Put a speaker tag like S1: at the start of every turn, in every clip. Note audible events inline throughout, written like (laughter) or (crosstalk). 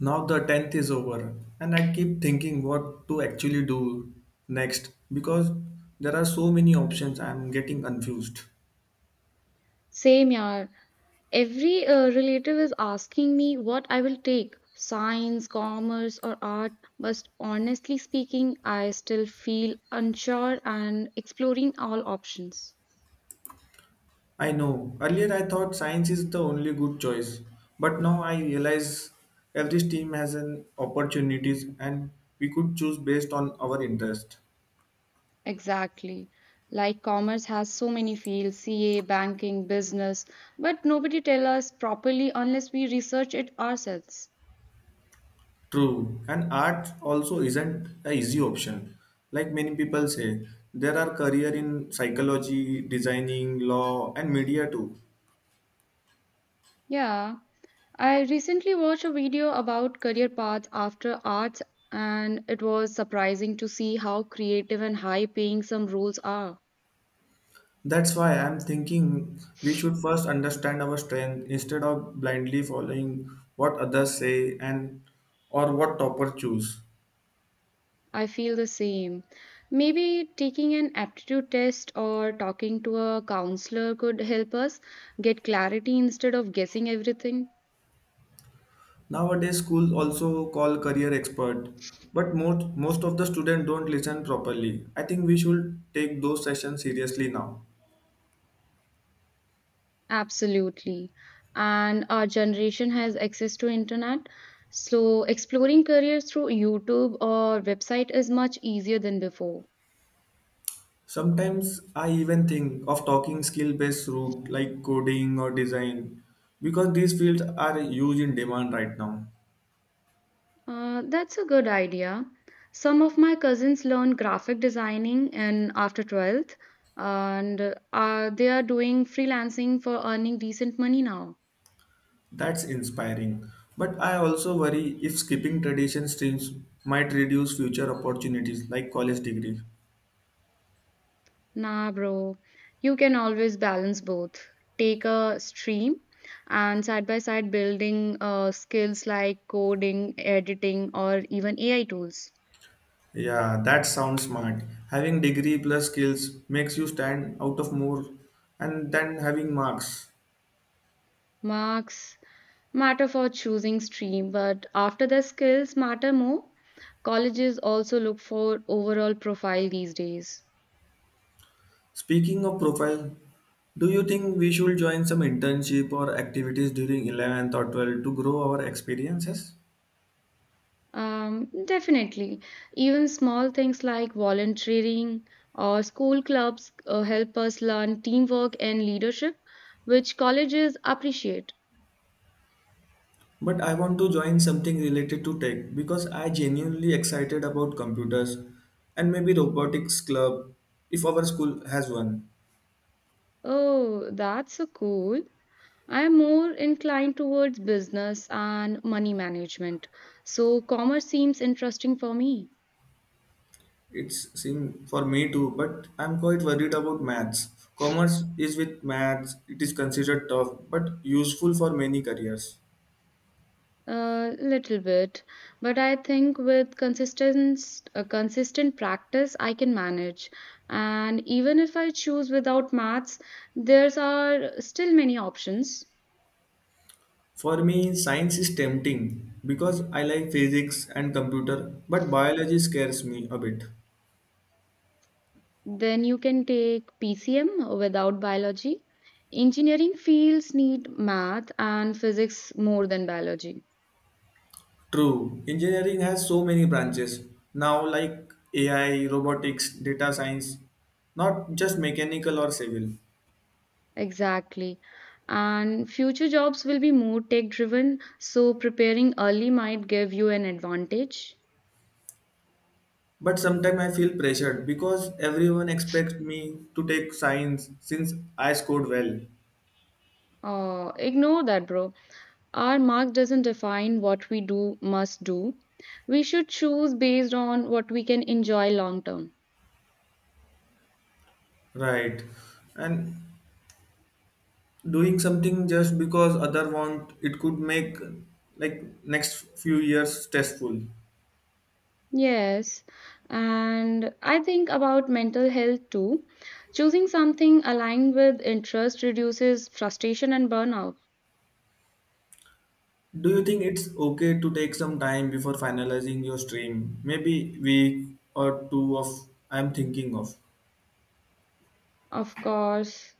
S1: Now the 10th is over, and I keep thinking what to actually do next because there are so many options I am getting confused.
S2: Same yaar. Every relative is asking me what I will take science, commerce, or art. But honestly speaking, I still feel unsure and exploring all options.
S1: I know, earlier I thought science is the only good choice, but now I realize every team has an opportunities and we could choose based on our interest.
S2: Exactly. Like commerce has so many fields CA, banking, business, but nobody tell us properly unless we research it ourselves.
S1: True, and art also isn't a easy option. Like many people say, there are career in psychology, designing, law and media too.
S2: Yeah. I recently watched a video about career paths after arts, and it was surprising to see how creative and high paying some roles are.
S1: That's why I'm thinking we should first understand our strength instead of blindly following what others say and or what topper choose.
S2: I feel the same. Maybe taking an aptitude test or talking to a counselor could help us get clarity instead of guessing everything.
S1: Nowadays schools also call career expert, but most of the students don't listen properly. I think we should take those sessions seriously now.
S2: Absolutely. And our generation has access to internet, so exploring careers through YouTube or website is much easier than before.
S1: Sometimes I even think of talking skill based route like coding or design because these fields are huge in demand right now.
S2: That's a good idea. Some of my cousins learn graphic designing in after 12th, and they are doing freelancing for earning decent money now.
S1: That's inspiring. But I also worry if skipping tradition streams might reduce future opportunities like college degree.
S2: Nah, bro, you can always balance both. Take a stream and side by side building skills like coding, editing, or even AI tools.
S1: Yeah, that sounds smart. Having degree plus skills makes you stand out of more and then having marks.
S2: Marks matter for choosing stream, but after their skills matter more, colleges also look for overall profile these days.
S1: Speaking of profile, do you think we should join some internship or activities during 11th or 12th to grow our experiences?
S2: Definitely. Even small things like volunteering or school clubs help us learn teamwork and leadership, which colleges appreciate.
S1: But I want to join something related to tech because I genuinely excited about computers and maybe robotics club if our school has one.
S2: Oh, that's so cool. I'm more inclined towards business and money management, so commerce seems interesting for me.
S1: It's seem for me too, but I'm quite worried about maths. Commerce is with maths, it is considered tough but useful for many careers.
S2: A little bit, but I think with consistent practice, I can manage. And even if I choose without maths, there's are still many options.
S1: For me, science is tempting because I like physics and computer, but biology scares me a bit.
S2: Then you can take PCM without biology. Engineering fields need math and physics more than biology.
S1: True. Engineering has so many branches now, like AI, robotics, data science, not just mechanical or civil.
S2: Exactly. And future jobs will be more tech driven, so preparing early might give you an advantage.
S1: But sometimes I feel pressured because everyone expects me to take science since I scored well.
S2: Ignore that, bro. Our mark doesn't define what we do must do. We should choose based on what we can enjoy long term.
S1: Right. And doing something just because other want it could make like next few years stressful.
S2: Yes, and I think about mental health too. Choosing something aligned with interest reduces frustration and burnout.
S1: Do you think it's okay to take some time before finalizing your stream? Maybe week or two of I'm thinking of.
S2: Of course,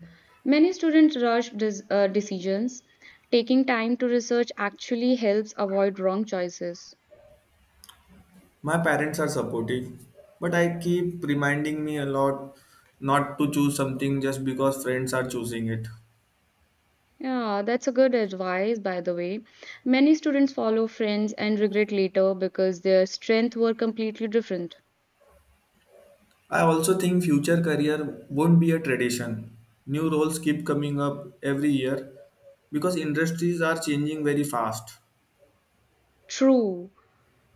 S2: many students rush decisions. Taking time to research actually helps avoid wrong choices.
S1: My parents are supportive, but I keep reminding me a lot not to choose something just because friends are choosing it.
S2: Yeah, that's a good advice, by the way. Many students follow friends and regret later because their strengths were completely different.
S1: I also think future career won't be a tradition. New roles keep coming up every year because industries are changing very fast.
S2: True.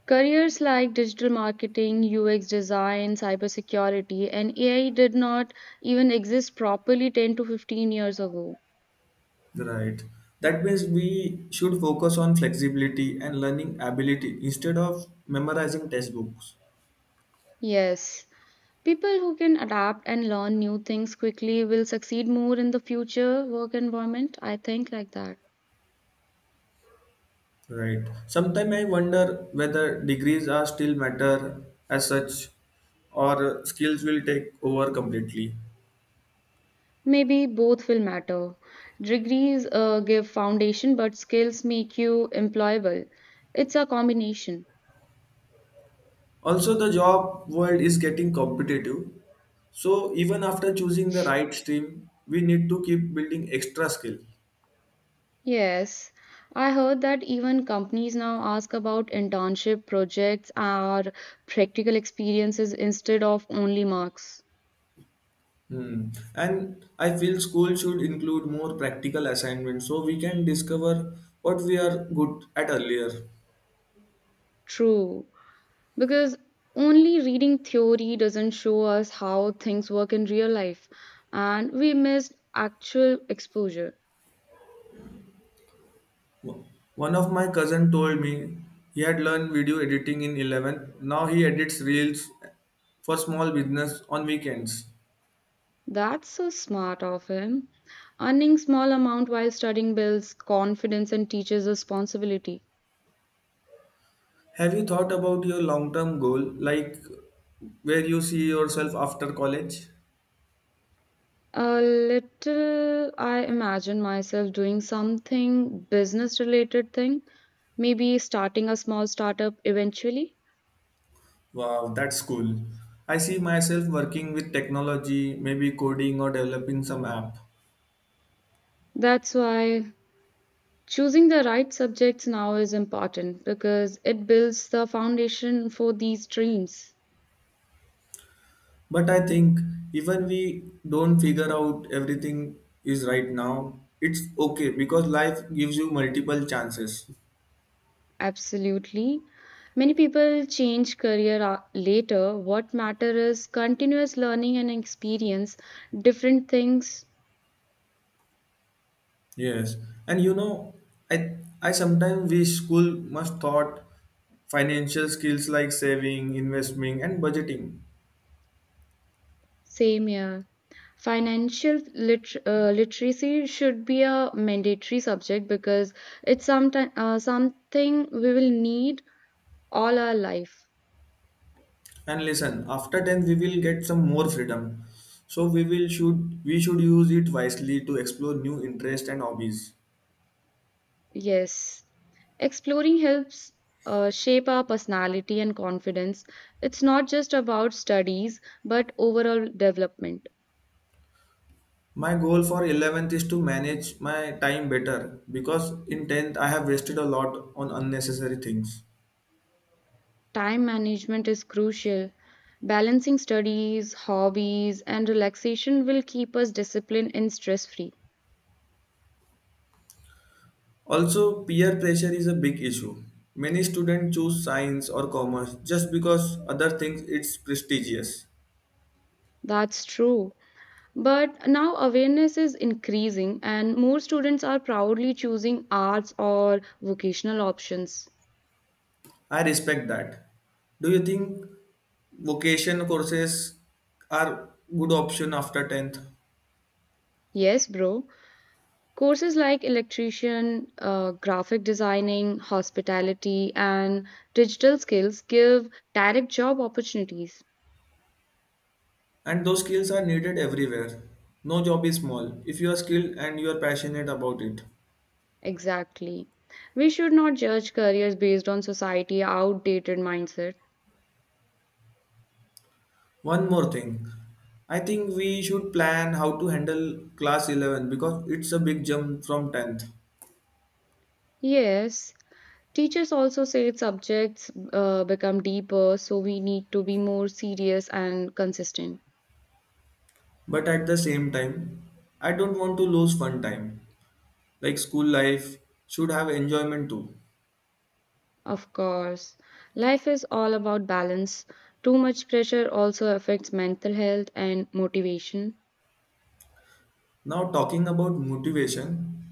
S2: Careers like digital marketing, UX design, cybersecurity, and AI did not even exist properly 10 to 15 years ago.
S1: Right. That means we should focus on flexibility and learning ability instead of memorizing textbooks.
S2: Yes. People who can adapt and learn new things quickly will succeed more in the future work environment. I think like that.
S1: Right. Sometimes I wonder whether degrees are still matter as such or skills will take over completely.
S2: Maybe both will matter. Degrees give foundation, but skills make you employable. It's a combination.
S1: Also, the job world is getting competitive. So even after choosing the right stream, we need to keep building extra skill.
S2: Yes, I heard that even companies now ask about internship projects or practical experiences instead of only marks.
S1: Hmm. And I feel school should include more practical assignments so we can discover what we are good at earlier.
S2: True, because only reading theory doesn't show us how things work in real life, and we miss actual exposure.
S1: Wo- One of my cousin told me he had learned video editing in 11. Now he edits reels for small business on weekends.
S2: That's so smart of him. Earning small amount while studying builds confidence and teaches responsibility.
S1: Have you thought about your long-term goal, like where you see yourself after college?
S2: A little I imagine myself doing something business related thing, maybe starting a small startup eventually.
S1: Wow, that's cool. I see myself working with technology, maybe coding or developing some app.
S2: That's why choosing the right subjects now is important because it builds the foundation for these dreams.
S1: But I think even we don't figure out everything is right now, it's okay because life gives you multiple chances.
S2: Absolutely. Many people change career a- later. What matters is continuous learning and experience, different things,
S1: Yes. And you know, I sometimes wish school must taught financial skills like saving, investing and budgeting.
S2: same year. Financial literacy should be a mandatory subject because it's something we will need all our life.
S1: And listen, after tenth we will get some more freedom. So we will should we should use it wisely to explore new interests and hobbies.
S2: Yes. Exploring helps shape our personality and confidence. It's not just about studies, but overall development.
S1: My goal for 11th is to manage my time better because in 10th I have wasted a lot on unnecessary things.
S2: Time management is crucial. Balancing studies, hobbies, and relaxation will keep us disciplined and stress free.
S1: Also, peer pressure is a big issue. Many students choose science or commerce just because other things it's prestigious.
S2: That's true. But now awareness is increasing, and more students are proudly choosing arts or vocational options.
S1: I respect that. Do you think vocation courses are good option after 10th?
S2: Yes, bro. Courses like electrician, graphic designing, hospitality, and digital skills give direct job opportunities.
S1: And those skills are needed everywhere. No job is small if you are skilled and you are passionate about it.
S2: Exactly. We should not judge careers based on society outdated mindset.
S1: One more thing. I think we should plan how to handle class 11 because it's a big jump from 10th.
S2: Yes, teachers also say subjects become deeper, so we need to be more serious and consistent.
S1: But at the same time, I don't want to lose fun time. Like school life should have enjoyment too.
S2: Of course, life is all about balance. Too much pressure also affects mental health and motivation.
S1: Now, talking about motivation,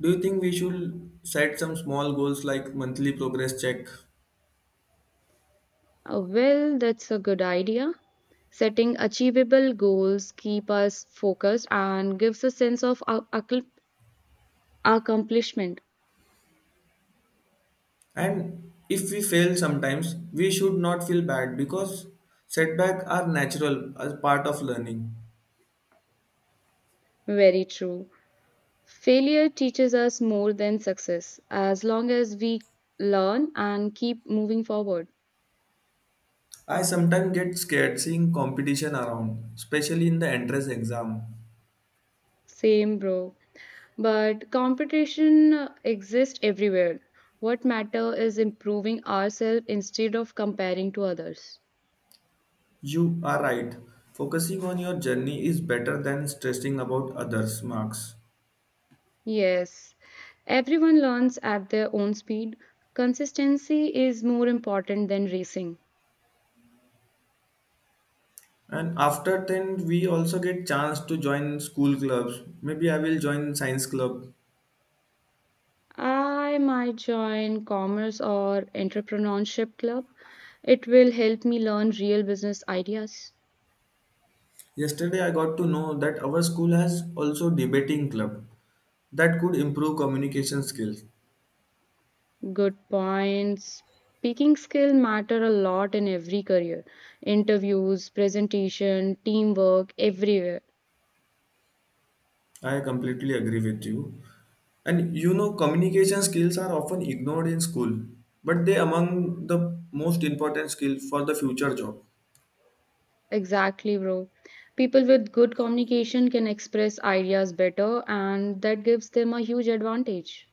S1: do you think we should set some small goals like monthly progress check?
S2: Well, that's a good idea. Setting achievable goals keep us focused and gives a sense of accomplishment.
S1: And if we fail sometimes, we should not feel bad because setbacks are natural as part of learning.
S2: Very true. Failure teaches us more than success as long as we learn and keep moving forward.
S1: I sometimes get scared seeing competition around, especially in the entrance exam.
S2: Same, bro. But competition exists everywhere. What matter is improving ourselves instead of comparing to others.
S1: You are right. Focusing on your journey is better than stressing about others' marks.
S2: Yes, everyone learns at their own speed. Consistency is more important than racing.
S1: And after tenth, we also get chance to join school clubs. Maybe I will join science club.
S2: I might join commerce or entrepreneurship club. It will help me learn real business ideas.
S1: Yesterday I got to know that our school has also debating club that could improve communication skills.
S2: Good points. Speaking skill matter a lot in every career. Interviews, presentation, teamwork, everywhere.
S1: I completely agree with you. And you know, communication skills are often ignored in school, but they among the most important skills for the future job.
S2: Exactly, bro. People with good communication can express ideas better and that gives them a huge advantage.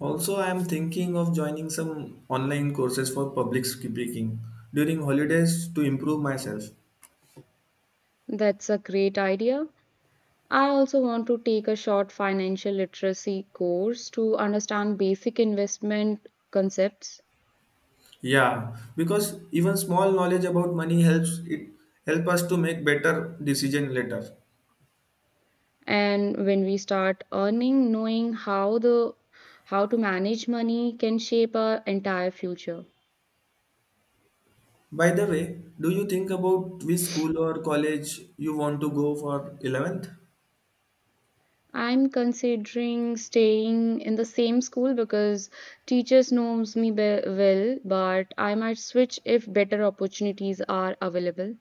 S1: Also, I am thinking of joining some online courses for public speaking during holidays to improve myself.
S2: That's a great idea. I also want to take a short financial literacy course to understand basic investment concepts
S1: Yeah, because even small knowledge about money helps it help us to make better decision later.
S2: and when we start earning knowing how the how to manage money can shape our entire future.
S1: By the way, do you think about which school or college you want to go for 11th?
S2: I'm considering staying in the same school because teachers knows me be- well but I might switch if better opportunities are available.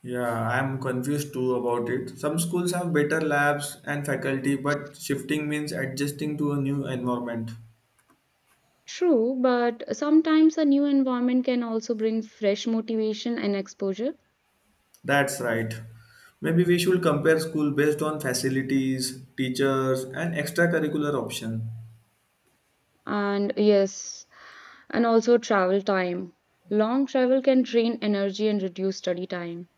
S1: Yeah, I'm confused too about it. Some schools have better labs and faculty, but shifting means adjusting to a new environment.
S2: True, but sometimes a new environment can also bring fresh motivation and exposure.
S1: That's right. Maybe we should compare school based on facilities, teachers, and extracurricular option.
S2: And yes, and also travel time. Long travel can drain energy and reduce study time.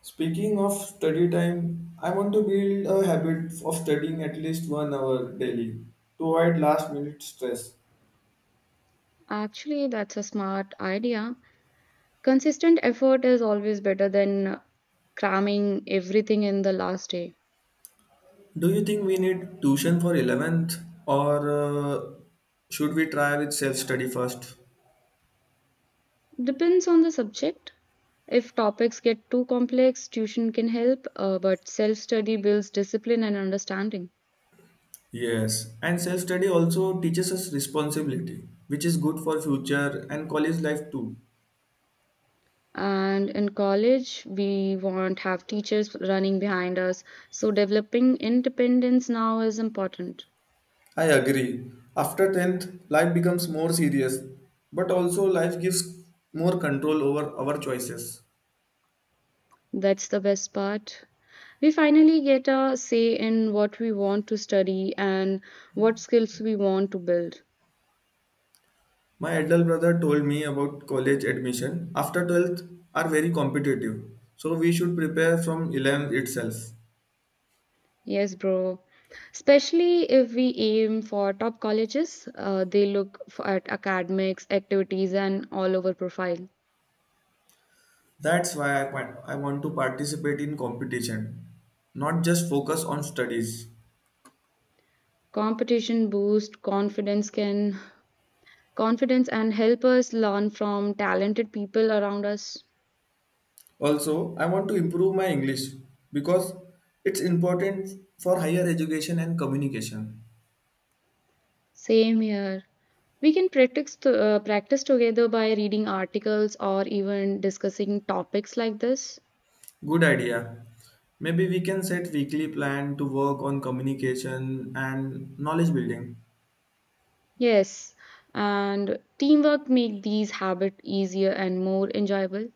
S1: Speaking of study time, I want to build a habit of studying at least 1 hour daily to avoid last minute stress.
S2: Actually, that's a smart idea. Consistent effort is always better than cramming everything in the last day.
S1: Do you think we need tuition for 11th or should we try with self study first?
S2: Depends on the subject. If topics get too complex, tuition can help, but self study builds discipline and understanding.
S1: Yes, and self study also teaches us responsibility, which is good for future and college life too.
S2: And in college, we won't have teachers running behind us. So developing independence now is important.
S1: I agree. After 10th, life becomes more serious, but also life gives more control over our choices.
S2: That's the best part. We finally get a say in what we want to study and what skills we want to build.
S1: My elder brother told me about college admission after 12th are very competitive, so we should prepare from 11th itself.
S2: Yes, bro. Especially if we aim for top colleges, they look f- at academics, activities, and all over profile.
S1: That's why I want to participate in competition, not just focus on studies.
S2: Competition boosts confidence and help us learn from talented people around us.
S1: Also, I want to improve my English because it's important for higher education and communication.
S2: Same here. We can practice together by reading articles or even discussing topics like this.
S1: Good idea. Maybe we can set weekly plan to work on communication and knowledge building.
S2: Yes, and teamwork make these habits easier and more enjoyable.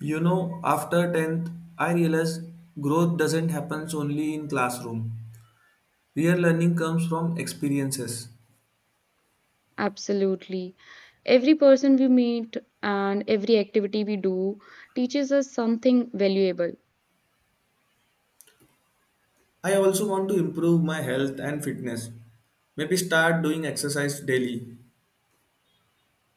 S1: You know, after 10th, I realized growth doesn't happen only in classroom. Real learning comes from experiences.
S2: Absolutely. Every person we meet and every activity we do teaches us something valuable.
S1: I also want to improve my health and fitness. Maybe start doing exercise daily.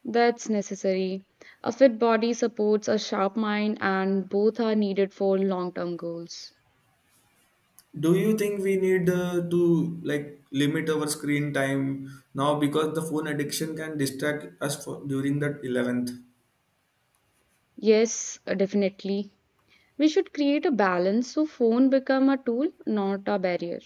S2: That's necessary. A fit body supports a sharp mind, and both are needed for long term goals.
S1: Do you think we need to like limit our screen time now because the phone addiction can distract us for, during that 11th?
S2: Yes, definitely. We should create a balance so phone become a tool, not a barrier.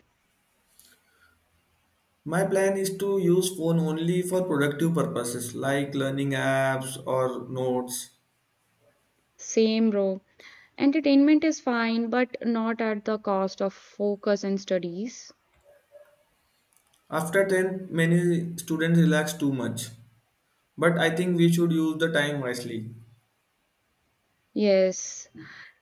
S1: My plan is to use phone only for productive purposes like learning apps or notes.
S2: Same, bro. Entertainment is fine, but not at the cost of focus and studies.
S1: After 10 many students relax too much, but I think we should use the time wisely.
S2: Yes,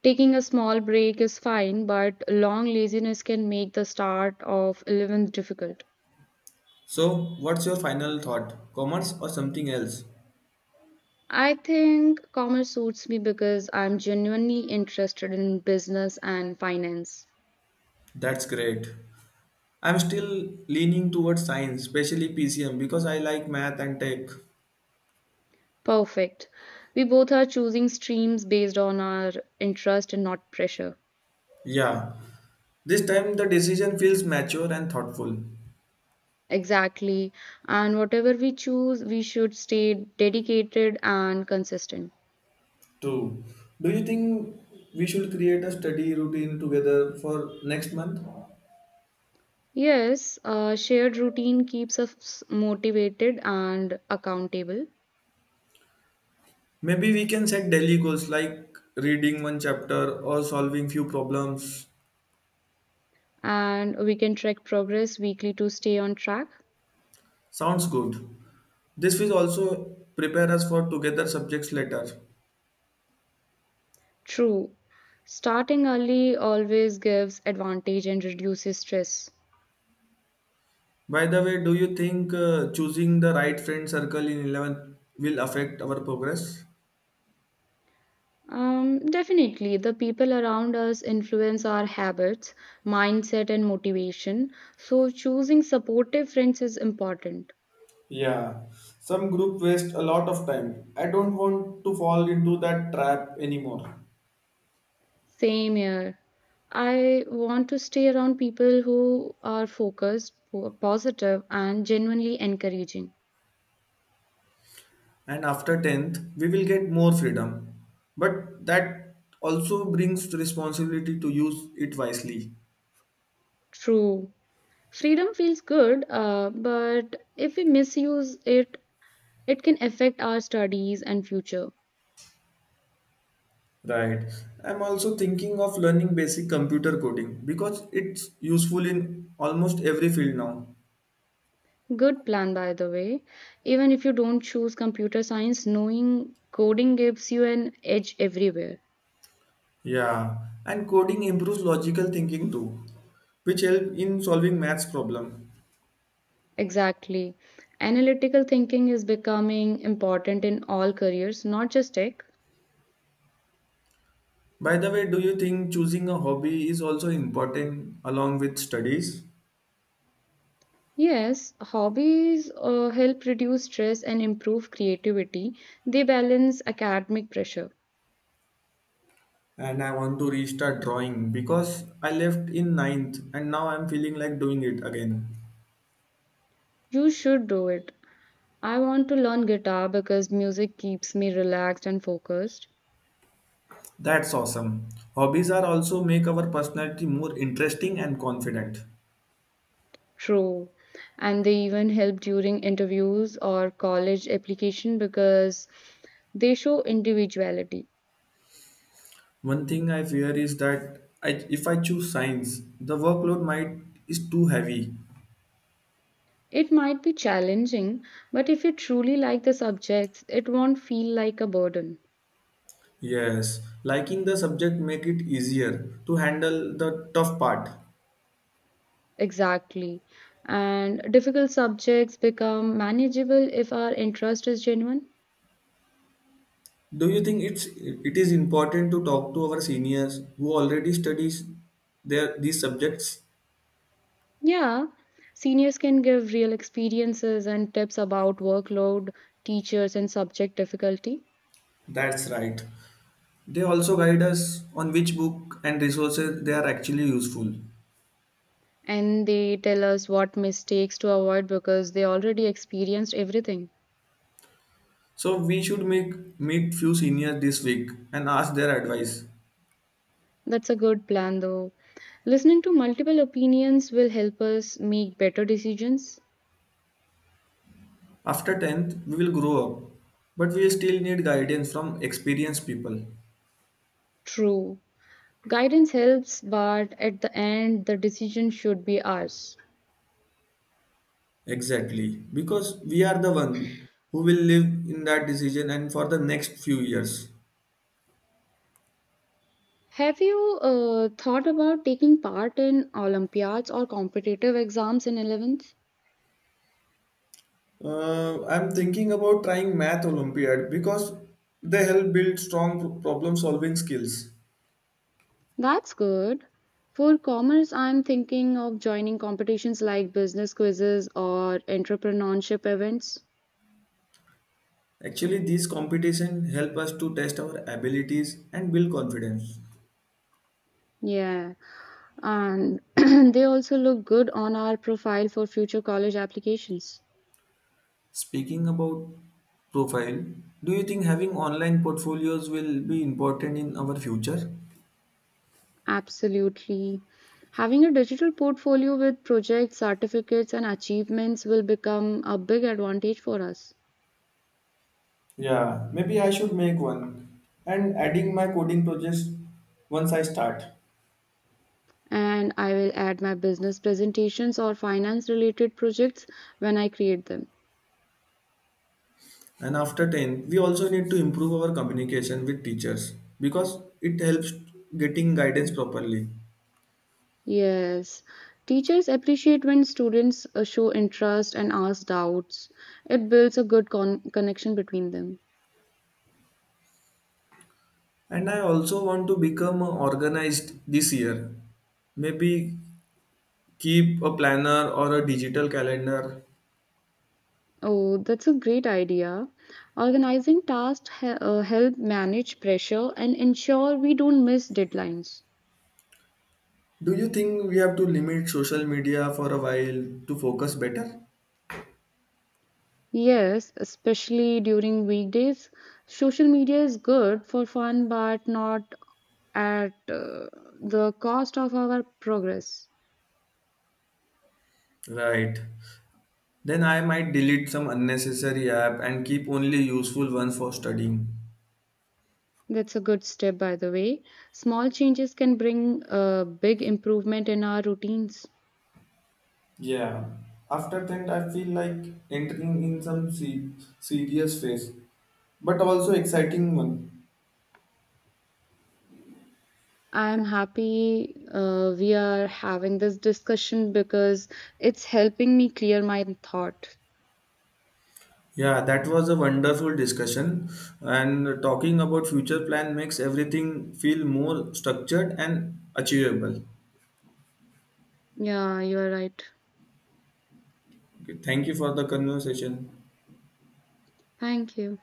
S2: taking a small break is fine, but long laziness can make the start of 11th difficult.
S1: So what's your final thought, commerce or something else?
S2: I think commerce suits me because I'm genuinely interested in business and finance.
S1: That's great. I'm still leaning towards science, especially PCM, because I like math and tech.
S2: Perfect. We both are choosing streams based on our interest and not pressure.
S1: Yeah, this time the decision feels mature and thoughtful.
S2: Exactly. And whatever we choose, we should stay dedicated and consistent.
S1: True. Do you think we should create a study routine together for next month?
S2: Yes, a shared routine keeps us motivated and accountable,
S1: Maybe we can set daily goals like reading one chapter or solving few problems.
S2: and we can track progress weekly to stay on track.
S1: Sounds good. This will also prepare us for together subjects later.
S2: True. Starting early always gives advantage and reduces stress.
S1: By the way, do you think choosing the right friend circle in 11th will affect our progress?
S2: Definitely, the people around us influence our habits, mindset, and motivation. So, choosing supportive friends is important.
S1: Yeah, some group waste a lot of time. I don't want to fall into that trap anymore.
S2: Same here. I want to stay around people who are focused, who are positive, and genuinely encouraging.
S1: And after 10th, we will get more freedom. But that also brings responsibility to use it wisely.
S2: True. Freedom feels good, but if we misuse it, it can affect our studies and future.
S1: Right. I'm also thinking of learning basic computer coding because it's useful in almost every field now.
S2: Good plan, by the way. Even if you don't choose computer science, knowing coding gives you an edge everywhere.
S1: Yeah, and coding improves logical thinking too, which help in solving maths problem.
S2: Exactly. Analytical thinking is becoming important in all careers, not just tech.
S1: By the way, do you think choosing a hobby is also important along with studies?
S2: Yes, hobbies help reduce stress and improve creativity. They balance academic pressure.
S1: And I want to restart drawing because I left in ninth and now I'm feeling like doing it again.
S2: You should do it. I want to learn guitar because music keeps me relaxed and focused.
S1: That's awesome. Hobbies are also make our personality more interesting and confident.
S2: True. And they even help during interviews or college application because they show individuality.
S1: One thing I fear is that I, if I choose science, the workload might is too heavy.
S2: It might be challenging, but if you truly like the subjects, it won't feel like a burden.
S1: Yes, liking the subject make it easier to handle the tough part.
S2: Exactly. And difficult subjects become manageable if our interest is genuine.
S1: Do you think it's it is important to talk to our seniors who already studies their these subjects?
S2: Yeah, seniors can give real experiences and tips about workload, teachers, and subject difficulty.
S1: That's right. They also guide us on which book and resources they are actually useful.
S2: And they tell us what mistakes to avoid because they already experienced everything.
S1: So we should make meet few seniors this week and ask their advice.
S2: That's a good plan though. Listening to multiple opinions will help us make better decisions.
S1: After 10th, we will grow up, but we still need guidance from experienced people.
S2: True. Guidance helps, but at the end, the decision should be ours.
S1: Exactly, because we are the one who will live in that decision and for the next few years.
S2: Have you thought about taking part in Olympiads or competitive exams in 11th?
S1: I'm thinking about trying Math Olympiad because they help build strong problem solving skills.
S2: That's good. For commerce, I'm thinking of joining competitions like business quizzes or entrepreneurship events.
S1: Actually, these competitions help us to test our abilities and build confidence.
S2: Yeah, and (clears throat) they also look good on our profile for future college applications.
S1: Speaking about profile, do you think having online portfolios will be important in our future?
S2: Absolutely. Having a digital portfolio with projects, certificates, and achievements will become a big advantage for us.
S1: Yeah, maybe I should make one and adding my coding projects once I start.
S2: And I will add my business presentations or finance related projects when I create them.
S1: And after 10, we also need to improve our communication with teachers because it helps getting guidance properly.
S2: Yes, teachers appreciate when students show interest and ask doubts. It builds a good connection between them.
S1: And I also want to become organized this year. Maybe keep a planner or a digital calendar.
S2: Oh, that's a great idea. Organizing tasks help manage pressure and ensure we don't miss deadlines.
S1: Do you think we have to limit social media for a while to focus better?
S2: Yes, especially during weekdays. Social media is good for fun, but not at the cost of our progress.
S1: Right. Then I might delete some unnecessary app and keep only useful one for studying.
S2: That's a good step, by the way. Small changes can bring a big improvement in our routines.
S1: Yeah. After that, I feel like entering in some serious phase, but also exciting one.
S2: I'm happy we are having this discussion because it's helping me clear my thought.
S1: Yeah, that was a wonderful discussion. And talking about future plan makes everything feel more structured and achievable.
S2: Yeah, you are right.
S1: Okay, thank you for the conversation.
S2: Thank you.